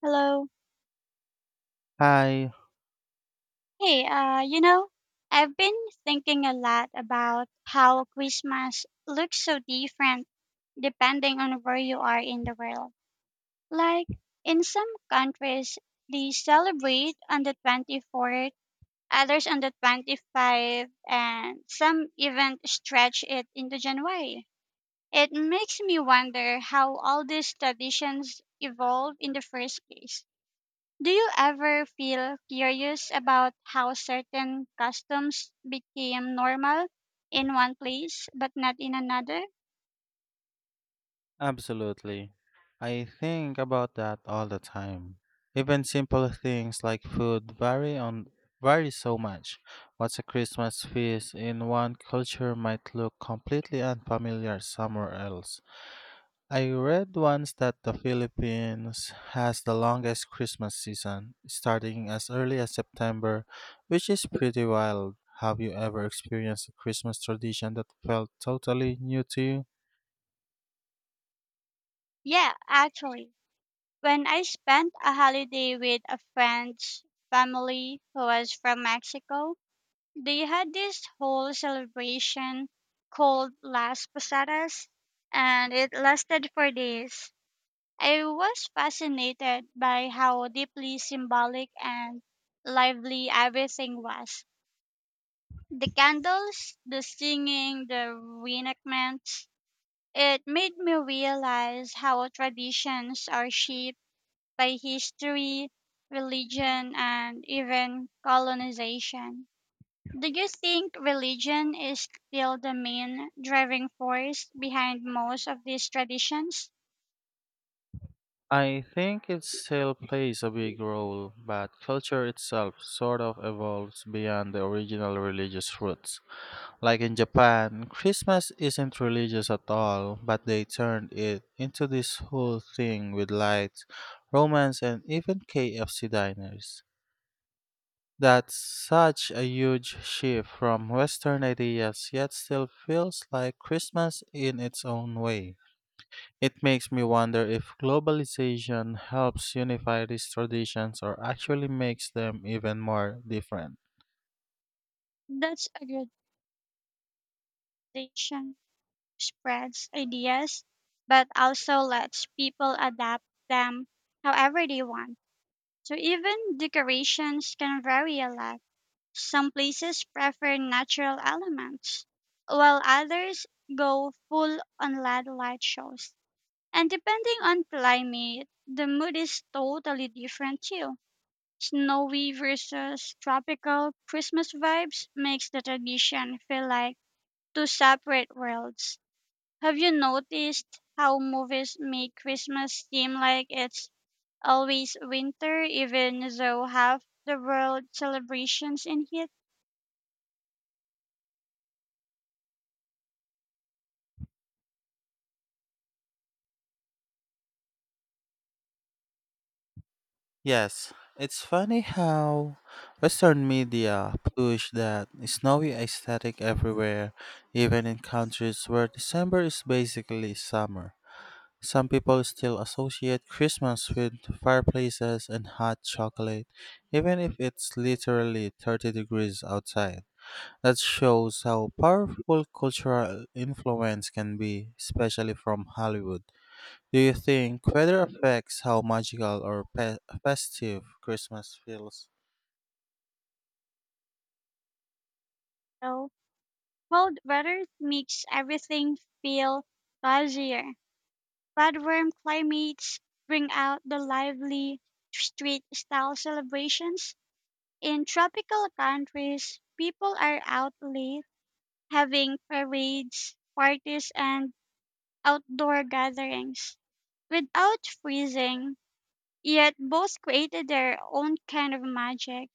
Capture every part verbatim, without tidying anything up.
Hello. Hi, Hey, uh, you know, I've been thinking a lot about how Christmas looks so different depending on where you are in the world. Like, in some countries, they celebrate on the twenty-fourth, others on the twenty-fifth, and some even stretch it into January. It makes me wonder how all these traditions evolve in the first place. Do you ever feel curious about how certain customs became normal in one place but not in another? absolutely. I think about that all the time. Even simple things like food vary on vary so much. What's a Christmas feast in one culture might look completely unfamiliar somewhere else. I read once that the Philippines has the longest Christmas season, starting as early as September, which is pretty wild. Have you ever experienced a Christmas tradition that felt totally new to you? Yeah, actually. When I spent a holiday with a friend's family who was from Mexico, they had this whole celebration called Las Posadas, and it lasted for days. I was fascinated by how deeply symbolic and lively everything was. The candles, the singing, the reenactments, it made me realize how traditions are shaped by history, religion, and even colonization. Do you think religion is still the main driving force behind most of these traditions? I think it still plays a big role, but culture itself sort of evolves beyond the original religious roots. Like in Japan, Christmas isn't religious at all, but they turned it into this whole thing with lights, romance, and even K F C diners. That's such a huge shift from Western ideas, yet still feels like Christmas in its own way. It makes me wonder if globalization helps unify these traditions or actually makes them even more different. That's a good tradition. Spreads ideas, but also lets people adapt them however they want. So even decorations can vary a lot. Some places prefer natural elements, while others go full on L E D light shows. And depending on climate, the mood is totally different too. Snowy versus tropical Christmas vibes makes the tradition feel like two separate worlds. Have you noticed how movies make Christmas seem like it's always winter, even though half the world celebrations in heat. Yes, it's funny how Western media push that snowy aesthetic everywhere, even in countries where December is basically summer. Some people still associate Christmas with fireplaces and hot chocolate, even if it's literally thirty degrees outside. That shows how powerful cultural influence can be, especially from Hollywood. Do you think weather affects how magical or pe- festive Christmas feels? So cold weather makes everything feel cozier. But warm climates bring out the lively street style celebrations. In tropical countries, people are out late having parades, parties, and outdoor gatherings without freezing. Yet both created their own kind of magic.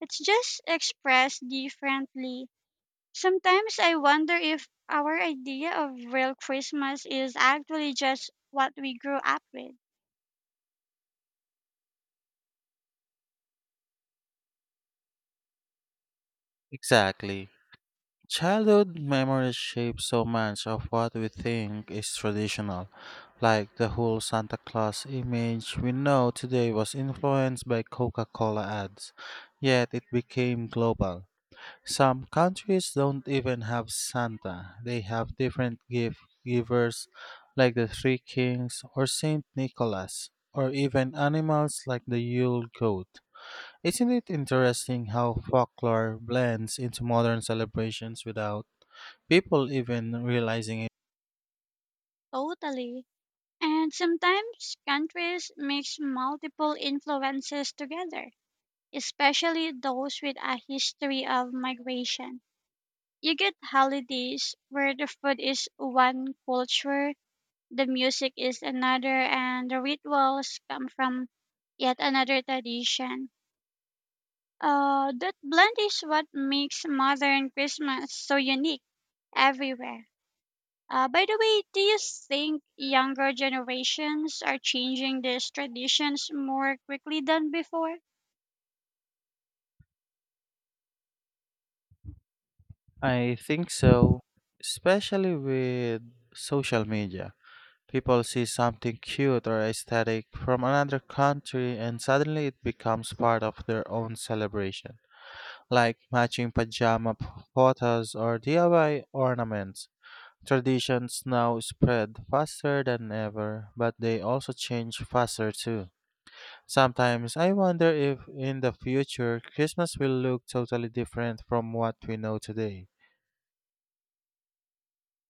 It's just expressed differently. Sometimes I wonder if our idea of real Christmas is actually just what we grew up with. Exactly. Childhood memories shape so much of what we think is traditional, like the whole Santa Claus image we know today was influenced by Coca Cola ads, yet it became global. Some countries don't even have Santa. They have different gift givers like the Three Kings or Saint Nicholas, or even animals like the Yule goat. Isn't it interesting how folklore blends into modern celebrations without people even realizing it? Totally. And sometimes countries mix multiple influences together, especially those with a history of migration. You get holidays where the food is one culture, the music is another, and the rituals come from yet another tradition. Uh, that blend is what makes modern Christmas so unique everywhere. Uh, by the way, do you think younger generations are changing these traditions more quickly than before? I think so, especially with social media. People see something cute or aesthetic from another country and suddenly it becomes part of their own celebration, like matching pajama p- photos or D I Y ornaments. Traditions now spread faster than ever, but they also change faster too. Sometimes I wonder if in the future Christmas will look totally different from what we know today.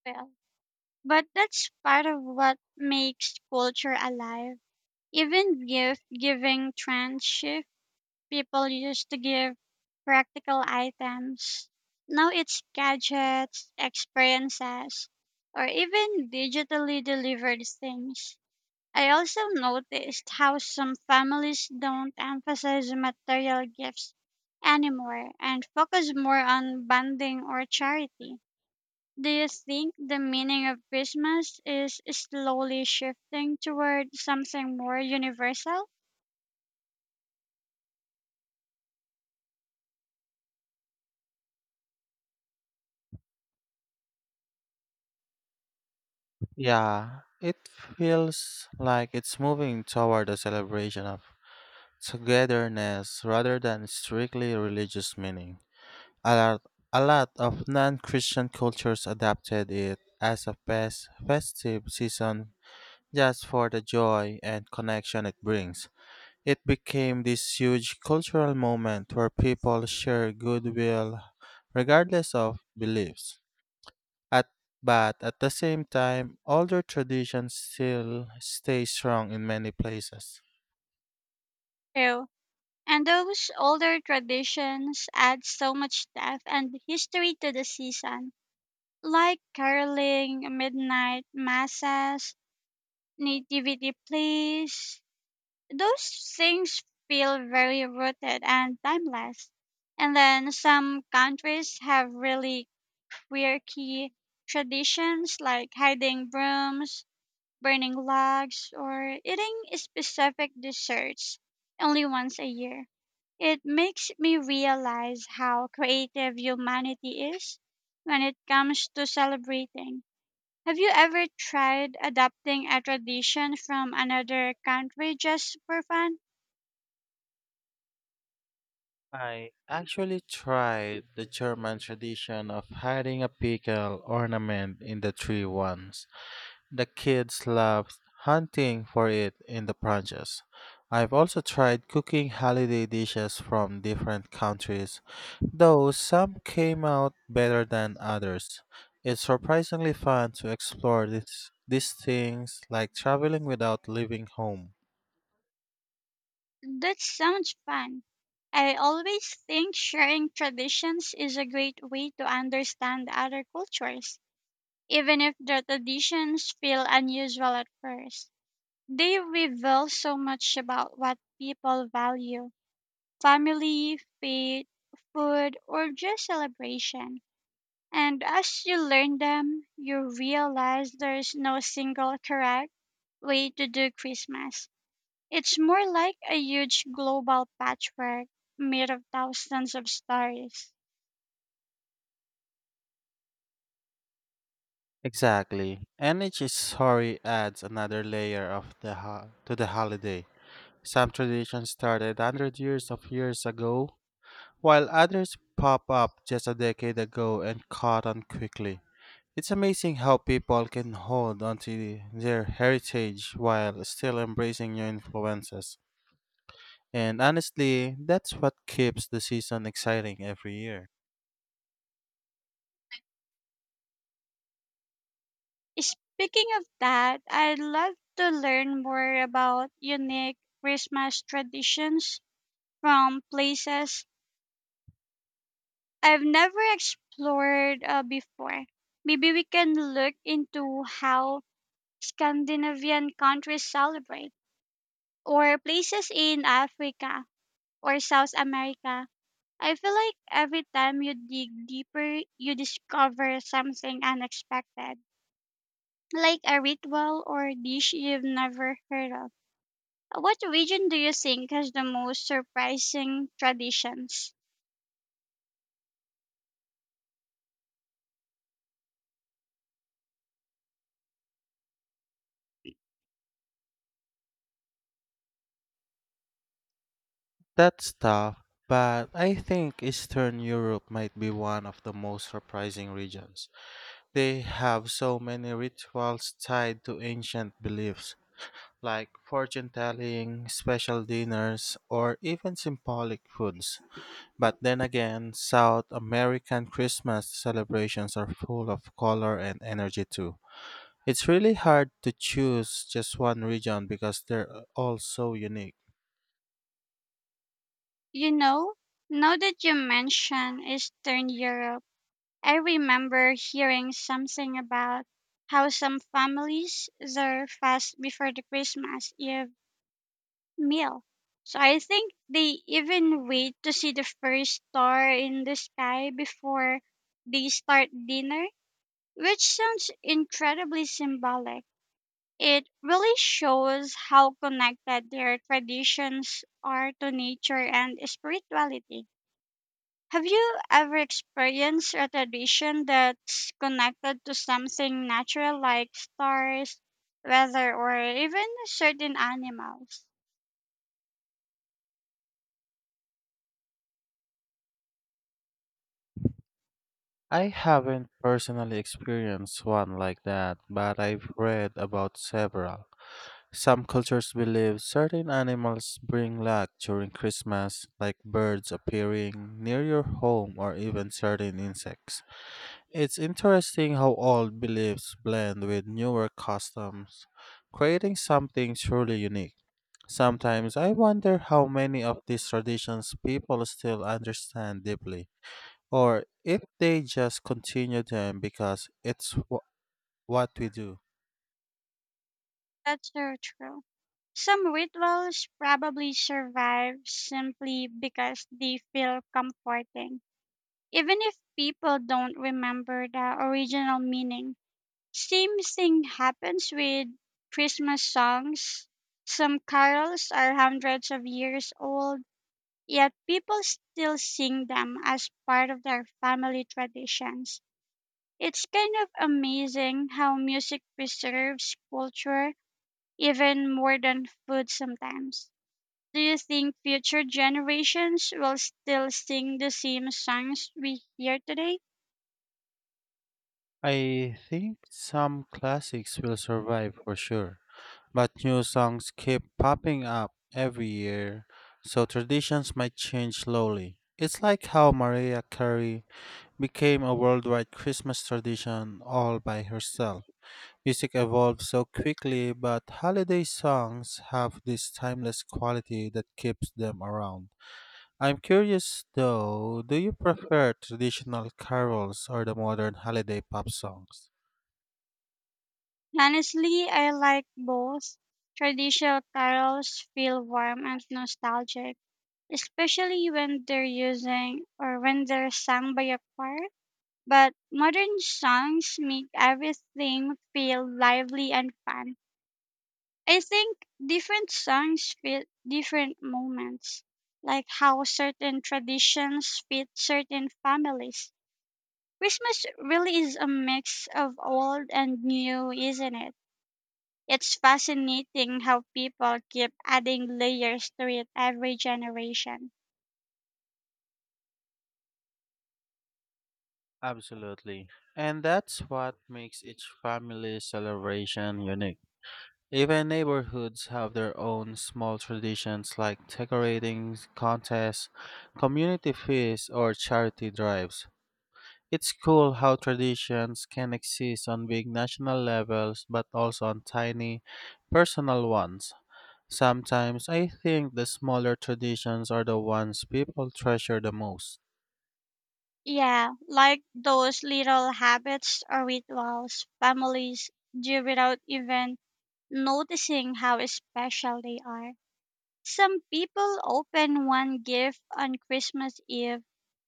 Well, but that's part of what makes culture alive. Even gift giving trends shift. People used to give practical items. Now it's gadgets, experiences, or even digitally delivered things. I also noticed how some families don't emphasize material gifts anymore and focus more on bonding or charity. Do you think the meaning of Christmas is slowly shifting toward something more universal? Yeah, it feels like it's moving toward a celebration of togetherness rather than strictly religious meaning. A lot, a lot of non Christian cultures adapted it as a fest, festive season just for the joy and connection it brings. It became this huge cultural moment where people share goodwill regardless of beliefs. At, but at the same time, older traditions still stay strong in many places. Ew. And those older traditions add so much depth and history to the season, like caroling, midnight masses, nativity plays. Those things feel very rooted and timeless. And then some countries have really quirky traditions like hiding brooms, burning logs, or eating specific desserts only once a year. It makes me realize how creative humanity is when it comes to celebrating. Have you ever tried adapting a tradition from another country just for fun? I actually tried the German tradition of hiding a pickle ornament in the tree once. The kids loved hunting for it in the branches. I've also tried cooking holiday dishes from different countries, though some came out better than others. It's surprisingly fun to explore this, these things like traveling without leaving home. That sounds fun. I always think sharing traditions is a great way to understand other cultures, even if the traditions feel unusual at first. They reveal so much about what people value: family, faith, food, or just celebration. And as you learn them, you realize there's no single correct way to do Christmas. It's more like a huge global patchwork made of thousands of stories. Exactly. And each story adds another layer of the ho- to the holiday. Some traditions started hundred years of years ago, while others pop up just a decade ago and caught on quickly. It's amazing how people can hold onto their heritage while still embracing new influences. And honestly, that's what keeps the season exciting every year. Speaking of that, I'd love to learn more about unique Christmas traditions from places I've never explored uh, before. Maybe we can look into how Scandinavian countries celebrate, or places in Africa or South America. I feel like every time you dig deeper, you discover something unexpected, like a ritual or dish you've never heard of. What region do you think has the most surprising traditions? That's tough, but I think Eastern Europe might be one of the most surprising regions. They have so many rituals tied to ancient beliefs, like fortune telling, special dinners, or even symbolic foods. But then again, South American Christmas celebrations are full of color and energy too. It's really hard to choose just one region because they're all so unique. You know, now that you mention Eastern Europe, I remember hearing something about how some families they fast before the Christmas Eve meal. So I think they even wait to see the first star in the sky before they start dinner, which sounds incredibly symbolic. It really shows how connected their traditions are to nature and spirituality. Have you ever experienced a tradition that's connected to something natural like stars, weather, or even certain animals? I haven't personally experienced one like that, but I've read about several. Some cultures believe certain animals bring luck during Christmas, like birds appearing near your home or even certain insects. It's interesting how old beliefs blend with newer customs, creating something truly unique. Sometimes I wonder how many of these traditions people still understand deeply. Or if they just continue them because it's wh- what we do. That's so true. Some rituals probably survive simply because they feel comforting, even if people don't remember the original meaning. Same thing happens with Christmas songs. Some carols are hundreds of years old. Yet people still sing them as part of their family traditions. It's kind of amazing how music preserves culture even more than food sometimes. Do you think future generations will still sing the same songs we hear today? I think some classics will survive for sure, but new songs keep popping up every year, so traditions might change slowly. It's like how Mariah Carey became a worldwide Christmas tradition all by herself. Music evolves so quickly, but holiday songs have this timeless quality that keeps them around. I'm curious though, do you prefer traditional carols or the modern holiday pop songs? Honestly, I like both. Traditional carols feel warm and nostalgic, especially when they're using or when they're sung by a choir, but modern songs make everything feel lively and fun. I think different songs fit different moments, like how certain traditions fit certain families. Christmas really is a mix of old and new, isn't it? It's fascinating how people keep adding layers to it every generation. Absolutely. And that's what makes each family celebration unique. Even neighborhoods have their own small traditions like decorating contests, community feasts, or charity drives. It's cool how traditions can exist on big national levels but also on tiny, personal ones. Sometimes I think the smaller traditions are the ones people treasure the most. Yeah, like those little habits or rituals families do without even noticing how special they are. Some people open one gift on Christmas Eve,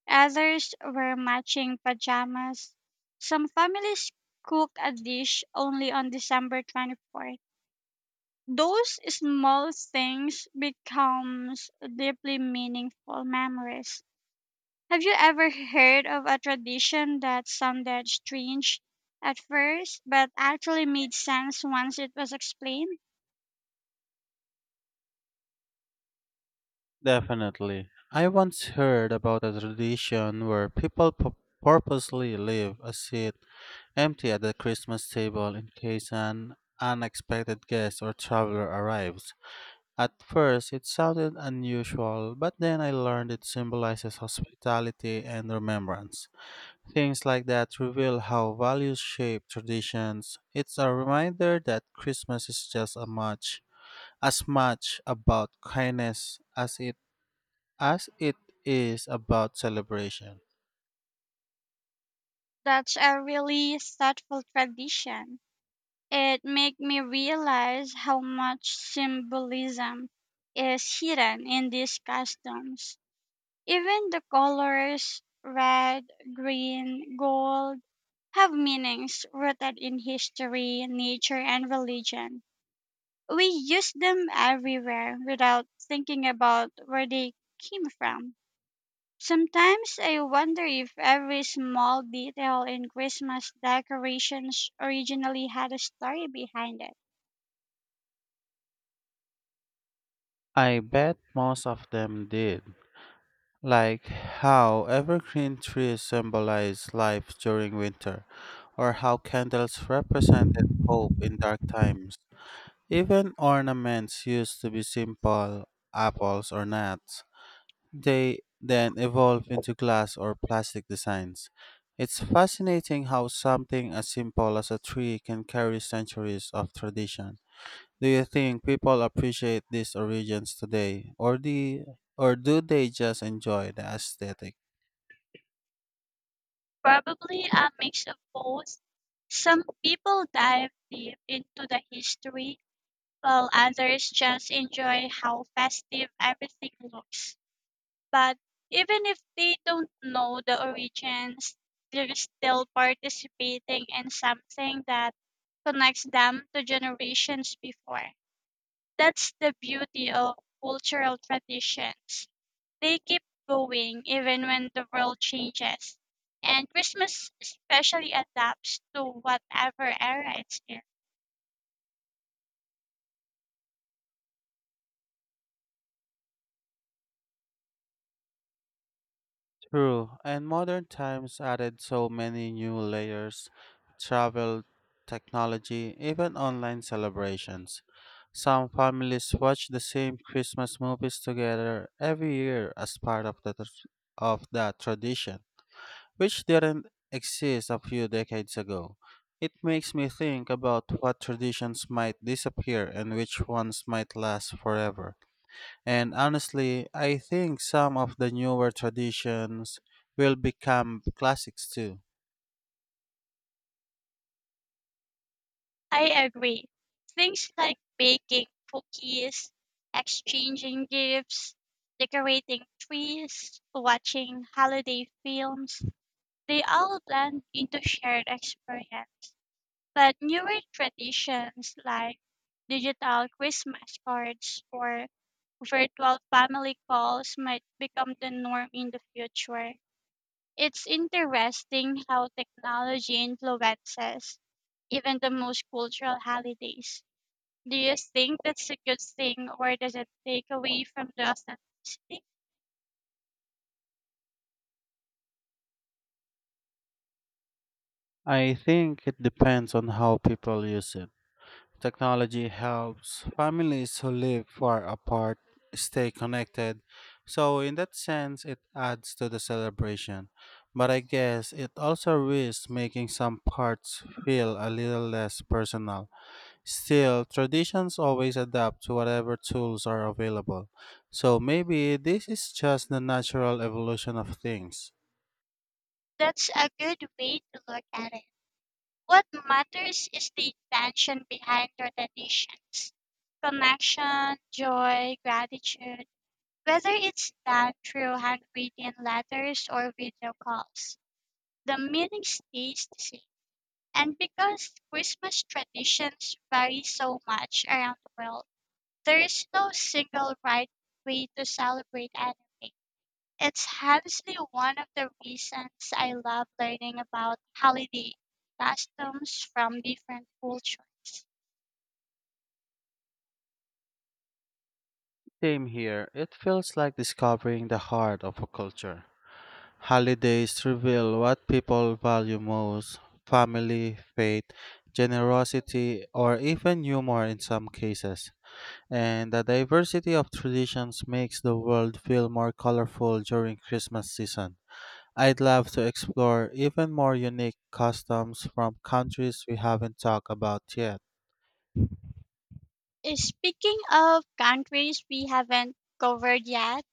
others wear matching pajamas. Some families cook a dish only on December twenty-fourth. Those small things becomes deeply meaningful memories. Have you ever heard of a tradition that sounded strange at first, but actually made sense once it was explained? Definitely. I once heard about a tradition where people pu- purposely leave a seat empty at the Christmas table in case an unexpected guest or traveler arrives. At first, it sounded unusual, but then I learned it symbolizes hospitality and remembrance. Things like that reveal how values shape traditions. It's a reminder that Christmas is just as much as much about kindness as it as it is about celebration. That's a really thoughtful tradition. It made me realize how much symbolism is hidden in these customs. Even the colors red, green, gold have meanings rooted in history, nature, and religion. We use them everywhere without thinking about where they came from. Sometimes I wonder if every small detail in Christmas decorations originally had a story behind it. I bet most of them did. Like how evergreen trees symbolize life during winter, or how candles represented hope in dark times. Even ornaments used to be simple, apples or nuts. They then evolve into glass or plastic designs. It's fascinating how something as simple as a tree can carry centuries of tradition. Do you think people appreciate these origins today, or the, or do they just enjoy the aesthetic? Probably a mix of both. Some people dive deep into the history, while others just enjoy how festive everything looks. But even if they don't know the origins, they're still participating in something that connects them to generations before. That's the beauty of cultural traditions. They keep going even when the world changes. And Christmas especially adapts to whatever era it's in. True, and modern times added so many new layers travel, technology, even online celebrations. Some families watch the same Christmas movies together every year as part of the tr- of that tradition, which didn't exist a few decades ago. It makes me think about what traditions might disappear and which ones might last forever. And honestly, I think some of the newer traditions will become classics too. I agree. Things like baking cookies, exchanging gifts, decorating trees, watching holiday films, they all blend into shared experience. But newer traditions like digital Christmas cards or virtual family calls might become the norm in the future. It's interesting how technology influences even the most cultural holidays. Do you think that's a good thing or does it take away from the authenticity? I think it depends on how people use it. Technology helps families who live far apart stay connected. So, in that sense, it adds to the celebration. But I guess it also risks making some parts feel a little less personal. Still, traditions always adapt to whatever tools are available. So maybe this is just the natural evolution of things. That's a good way to look at it. What matters is the intention behind your traditions: connection, joy, gratitude, whether it's done through handwritten letters or video calls. The meaning stays the same. And because Christmas traditions vary so much around the world, there is no single right way to celebrate anyway. It's honestly one of the reasons I love learning about holiday customs from different cultures. Same here, it feels like discovering the heart of a culture. Holidays reveal what people value most family, faith, generosity, or even humor in some cases. And the diversity of traditions makes the world feel more colorful during Christmas season. I'd love to explore even more unique customs from countries we haven't talked about yet. Uh, Speaking of countries we haven't covered yet,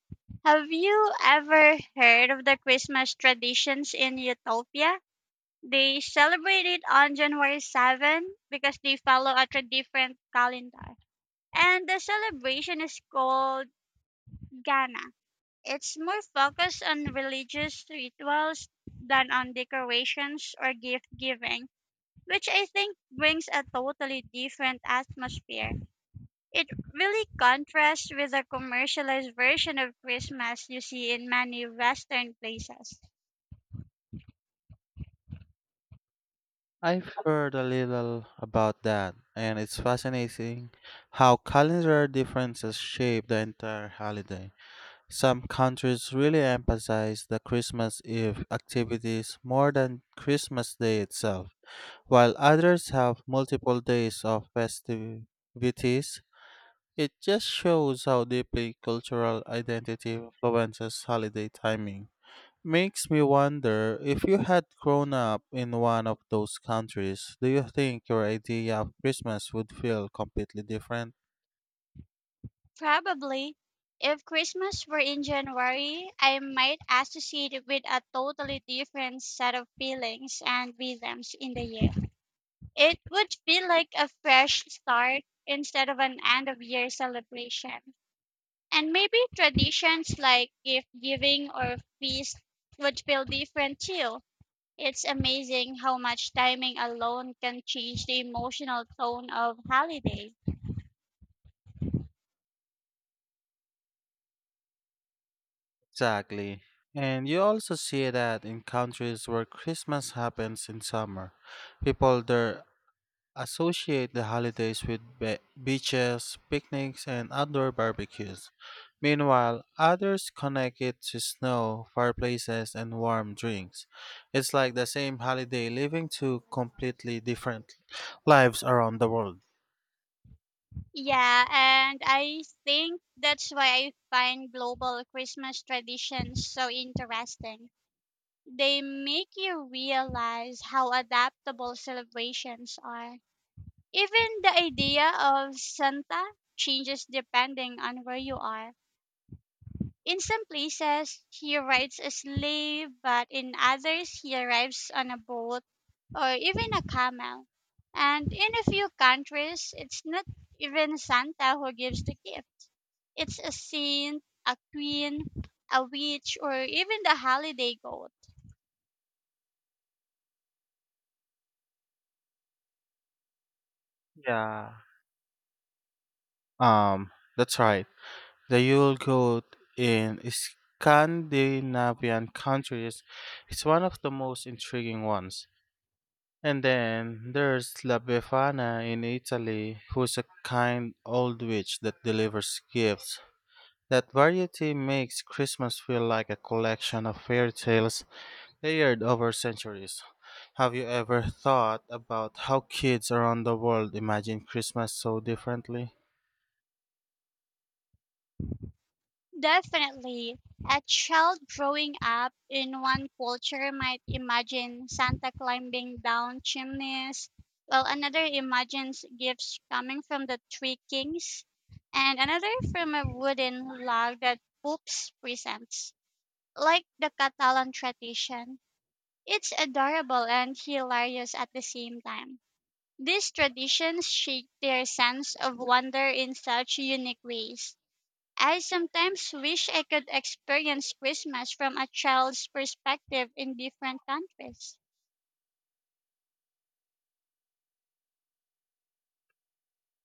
have you ever heard of the Christmas traditions in Utopia? They celebrate it on January seventh because they follow a tra- different calendar. And the celebration is called Ghana. It's more focused on religious rituals than on decorations or gift giving, which I think brings a totally different atmosphere. It really contrasts with the commercialized version of Christmas you see in many Western places. I've heard a little about that, and it's fascinating how calendar differences shape the entire holiday. Some countries really emphasize the Christmas Eve activities more than Christmas Day itself, while others have multiple days of festivities. It just shows how deeply cultural identity influences holiday timing. Makes me wonder if you had grown up in one of those countries, do you think your idea of Christmas would feel completely different? Probably, if Christmas were in January, I might associate it with a totally different set of feelings and rhythms in the year. It would feel like a fresh start instead of an end of year celebration. And maybe traditions like gift giving or feast would feel different too. It's amazing how much timing alone can change the emotional tone of holiday. Exactly. And you also see that in countries where Christmas happens in summer, people there associate the holidays with be- beaches, picnics, and outdoor barbecues. Meanwhile, others connect it to snow, fireplaces, and warm drinks. It's like the same holiday living two completely different lives around the world. Yeah, and I think that's why I find global Christmas traditions so interesting. They make you realize how adaptable celebrations are. Even the idea of Santa changes depending on where you are. In some places, he rides a sleigh, but in others, he arrives on a boat or even a camel. And in a few countries, it's not even Santa who gives the gift, it's a saint, a queen, a witch, or even the holiday goat. Yeah. Um, that's right. The Yule goat in Scandinavian countries is one of the most intriguing ones. And then there's La Befana in Italy, who's a kind old witch that delivers gifts. That variety makes Christmas feel like a collection of fairy tales layered over centuries. Have you ever thought about how kids around the world imagine Christmas so differently? Definitely. A child growing up in one culture might imagine Santa climbing down chimneys, while another imagines gifts coming from the three kings, and another from a wooden log that poops presents. Like the Catalan tradition, it's adorable and hilarious at the same time. These traditions shape their sense of wonder in such unique ways. I sometimes wish I could experience Christmas from a child's perspective in different countries.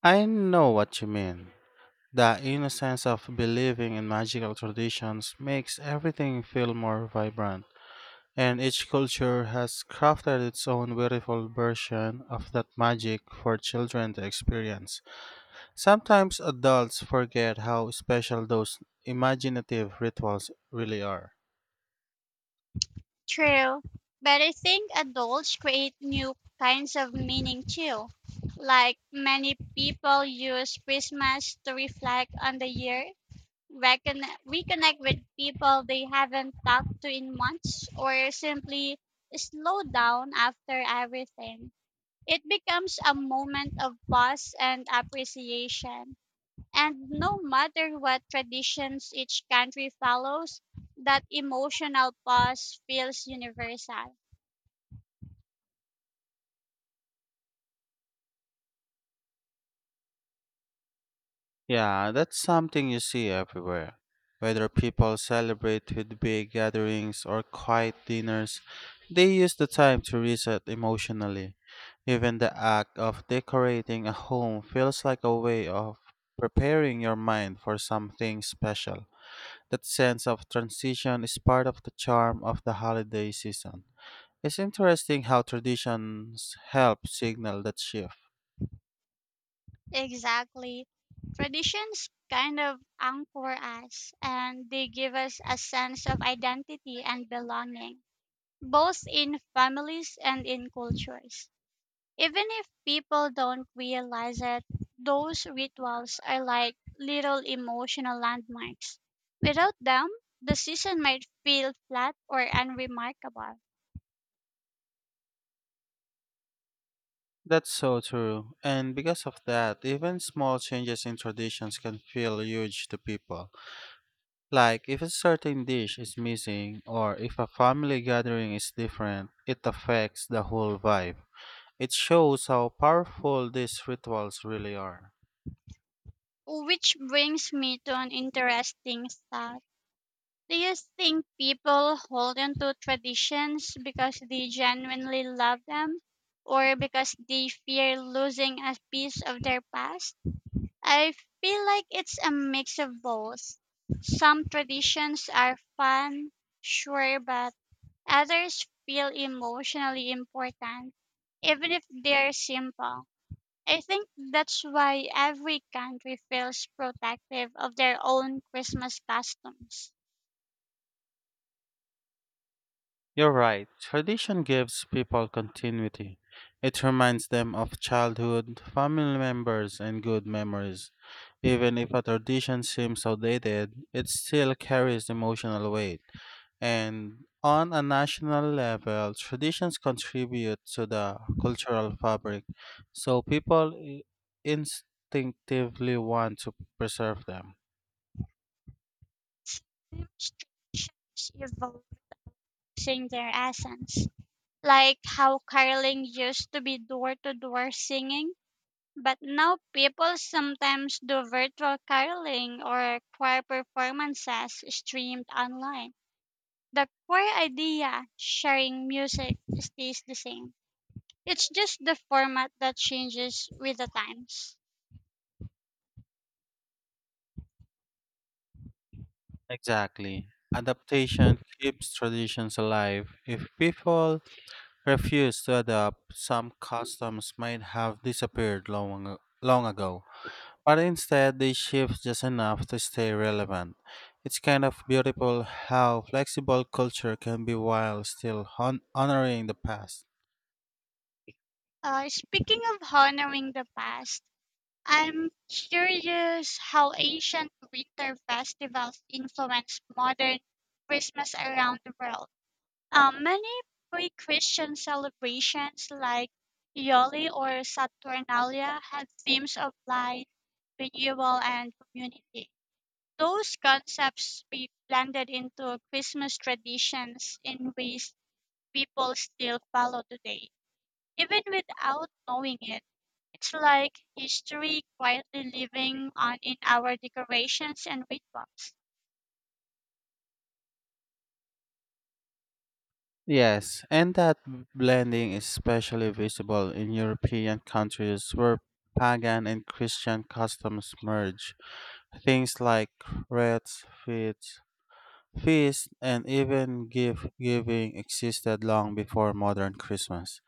I know what you mean. The innocence of believing in magical traditions makes everything feel more vibrant. And each culture has crafted its own beautiful version of that magic for children to experience. Sometimes adults forget how special those imaginative rituals really are. True, but I think adults create new kinds of meaning too. Like many people use Christmas to reflect on the year, recon- reconnect with people they haven't talked to in months, or simply slow down after everything. It becomes a moment of pause and appreciation. And no matter what traditions each country follows, that emotional pause feels universal. Yeah, that's something you see everywhere. Whether people celebrate with big gatherings or quiet dinners, they use the time to reset emotionally. Even the act of decorating a home feels like a way of preparing your mind for something special. That sense of transition is part of the charm of the holiday season. It's interesting how traditions help signal that shift. Exactly. Traditions kind of anchor us, and they give us a sense of identity and belonging, both in families and in cultures. Even if people don't realize it, those rituals are like little emotional landmarks. Without them, the season might feel flat or unremarkable. That's so true. And because of that, even small changes in traditions can feel huge to people. Like if a certain dish is missing or if a family gathering is different, it affects the whole vibe. It shows how powerful these rituals really are. Which brings me to an interesting thought. Do you think people hold on to traditions because they genuinely love them, or because they fear losing a piece of their past? I feel like it's a mix of both. Some traditions are fun, sure, but others feel emotionally important, even if they're simple. I think that's why every country feels protective of their own Christmas customs. You're right. Tradition gives people continuity. It reminds them of childhood, family members, and good memories. Even if a tradition seems outdated, it still carries emotional weight. And on a national level, traditions contribute to the cultural fabric, so people i- instinctively want to preserve them. Most traditions evolve losing their essence, like how caroling used to be door to door singing. But now people sometimes do virtual caroling or choir performances streamed online. The core idea, sharing music, stays the same. It's just the format that changes with the times. Exactly. Adaptation keeps traditions alive. If people refuse to adapt, some customs might have disappeared long, ag- long ago. But instead they shift just enough to stay relevant. It's kind of beautiful how flexible culture can be while still hon- honoring the past. Uh, speaking of honoring the past, I'm curious how ancient winter festivals influence modern Christmas around the world. Um, many pre-Christian celebrations like Yoli or Saturnalia had themes of life, renewal, and community. Those concepts be blended into Christmas traditions in ways people still follow today, even without knowing it. It's like history quietly living on in our decorations and rituals. Yes, and that blending is especially visible in European countries where pagan and Christian customs merge. Things like rites, feasts, feasts, and even gift giving existed long before modern Christmas.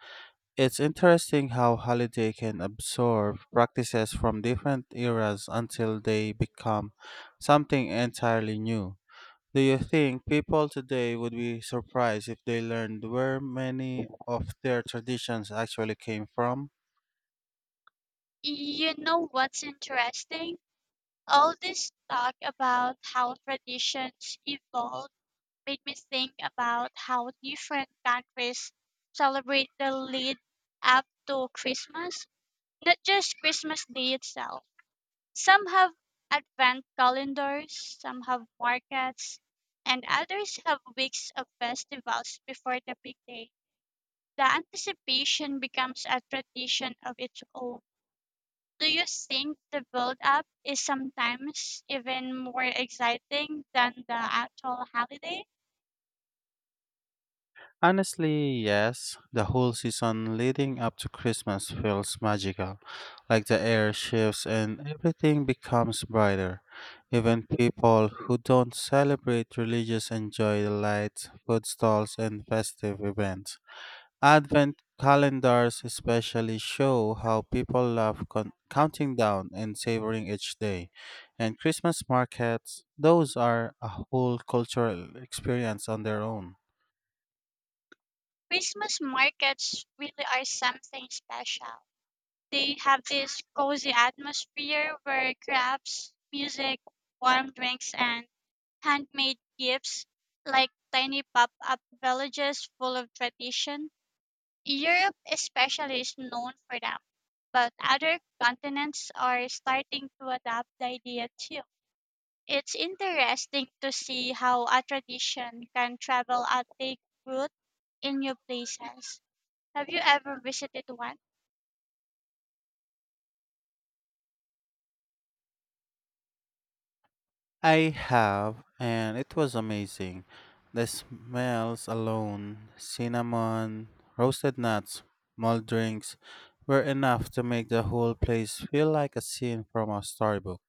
It's interesting how holiday can absorb practices from different eras until they become something entirely new. Do you think people today would be surprised if they learned where many of their traditions actually came from? You know what's interesting? All this talk about how traditions evolve made me think about how different countries celebrate the lead up to Christmas, not just Christmas Day itself. Some have advent calendars, some have markets, and others have weeks of festivals before the big day. The anticipation becomes a tradition of its own. Do you think the build up is sometimes even more exciting than the actual holiday? Honestly, yes. The whole season leading up to Christmas feels magical. Like the air shifts and everything becomes brighter. Even people who don't celebrate religious enjoy the lights, food stalls, and festive events. Advent calendars especially show how people love con- counting down and savoring each day. And Christmas markets, those are a whole cultural experience on their own. Christmas markets really are something special. They have this cozy atmosphere where crafts, music, warm drinks, and handmade gifts like tiny pop up villages full of tradition. Europe, especially, is known for them, but other continents are starting to adopt the idea too. It's interesting to see how a tradition can travel and take root in new places. Have you ever visited one? I have, and it was amazing. The smells alone cinnamon, roasted nuts, malt drinks were enough to make the whole place feel like a scene from a storybook.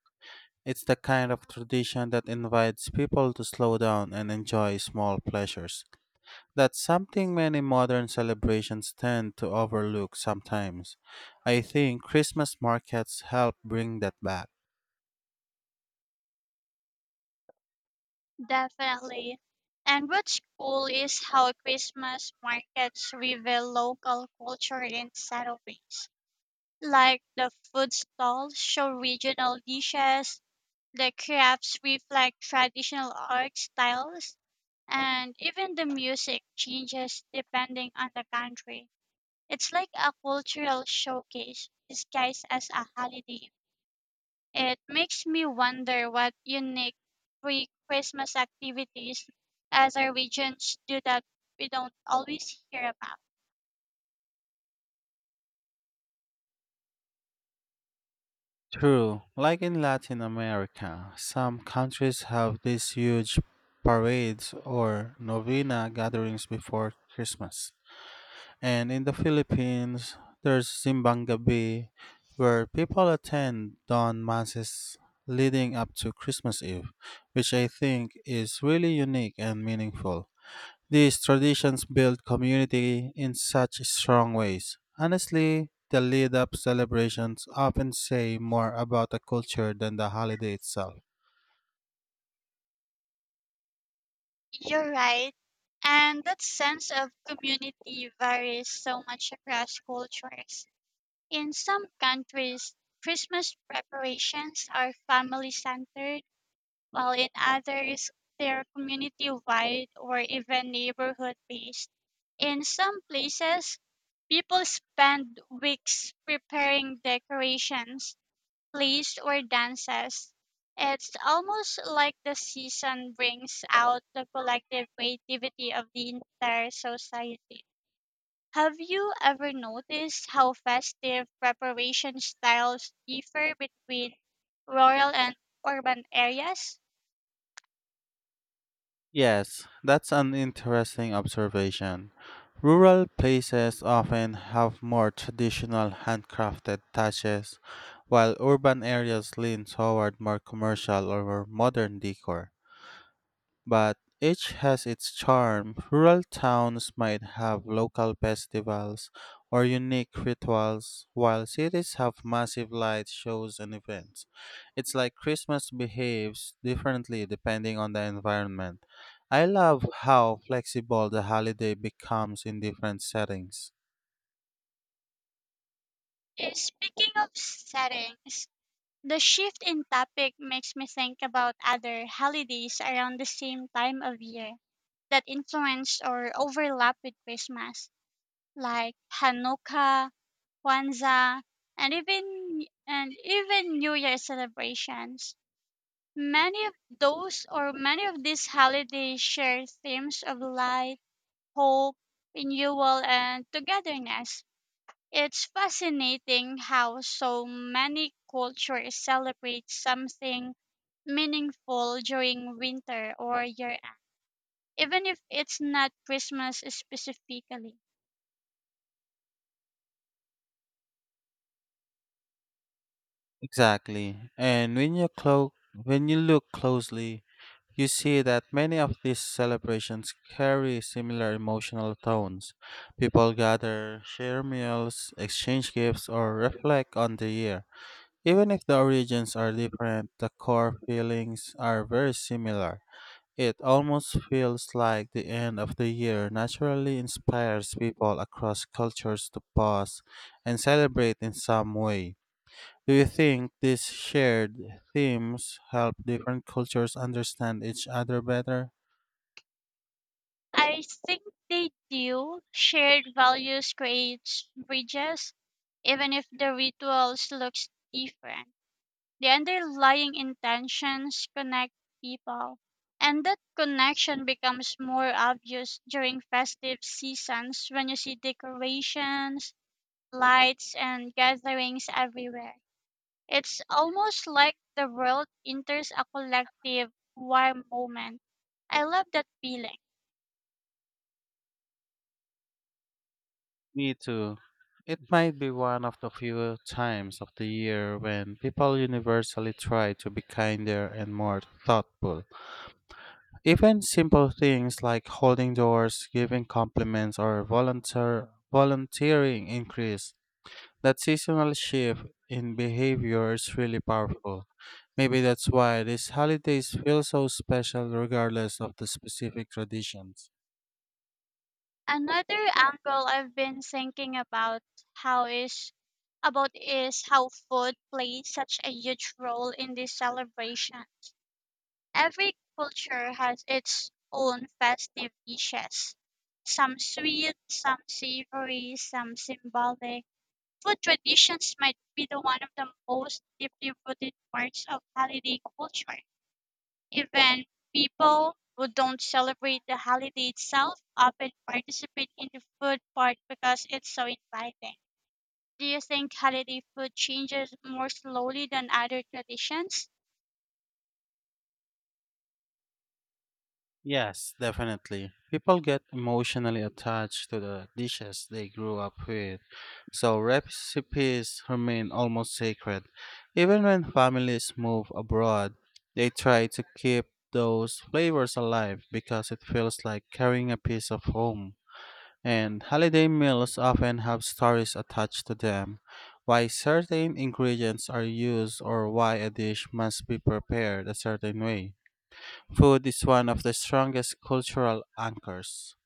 It's the kind of tradition that invites people to slow down and enjoy small pleasures. That's something many modern celebrations tend to overlook sometimes. I think Christmas markets help bring that back. Definitely. And what's cool is how Christmas markets reveal local culture in subtle ways. Like the food stalls show regional dishes, the crafts reflect traditional art styles, and even the music changes depending on the country. It's like a cultural showcase disguised as a holiday. It makes me wonder what unique pre Christmas activities as our regions do that we don't always hear about. True, like in Latin America, some countries have these huge parades or novena gatherings before Christmas. And in the Philippines, there's Simbang Gabi, where people attend dawn masses leading up to Christmas Eve, which I think is really unique and meaningful. These traditions build community in such strong ways. Honestly, the lead up celebrations often say more about a culture than the holiday itself. You're right. And that sense of community varies so much across cultures. In some countries, Christmas preparations are family centered, while in others, they're community wide or even neighborhood based. In some places, people spend weeks preparing decorations, plays, or dances. It's almost like the season brings out the collective creativity of the entire society. Have you ever noticed how festive preparation styles differ between rural and urban areas? Yes, that's an interesting observation. Rural places often have more traditional handcrafted touches, while urban areas lean toward more commercial or modern decor. But each has its charm. Rural towns might have local festivals or unique rituals, while cities have massive light shows and events. It's like Christmas behaves differently depending on the environment. I love how flexible the holiday becomes in different settings. Eh, Speaking of settings, the shift in topic makes me think about other holidays around the same time of year that influence or overlap with Christmas, like Hanukkah, Kwanzaa, and even and even New Year celebrations. Many of those, or many of these holidays share themes of light, hope, renewal, and togetherness. It's fascinating how so many cultures celebrate something meaningful during winter or year end, even if it's not Christmas specifically. Exactly. And when you clo- When you look closely, you see that many of these celebrations carry similar emotional tones. People gather, share meals, exchange gifts, or reflect on the year. Even if the origins are different, the core feelings are very similar. It almost feels like the end of the year naturally inspires people across cultures to pause and celebrate in some way. Do you think these shared themes help different cultures understand each other better? I think they do. Shared values creates bridges, even if the rituals looks different. The underlying intentions connect people, and that connection becomes more obvious during festive seasons when you see decorations, lights, and gatherings everywhere. It's almost like the world enters a collective warm moment. I love that feeling. Me too. It might be one of the few times of the year when people universally try to be kinder and more thoughtful. Even simple things like holding doors, giving compliments, or volunteer volunteering increase. That seasonal shift in behavior is really powerful. Maybe that's why these holidays feel so special regardless of the specific traditions. Another angle I've been thinking about, how is about is how food plays such a huge role in these celebrations. Every culture has its own festive dishes, some sweet, some savory, some symbolic. Food traditions might be the one of the most deeply rooted parts of holiday culture. Even people who don't celebrate the holiday itself often participate in the food part because it's so inviting. Do you think holiday food changes more slowly than other traditions? Yes, definitely. People get emotionally attached to the dishes they grew up with, so recipes remain almost sacred. Even when families move abroad, they try to keep those flavors alive because it feels like carrying a piece of home. And holiday meals often have stories attached to them, why certain ingredients are used or why a dish must be prepared a certain way. Food is one of the strongest cultural anchors.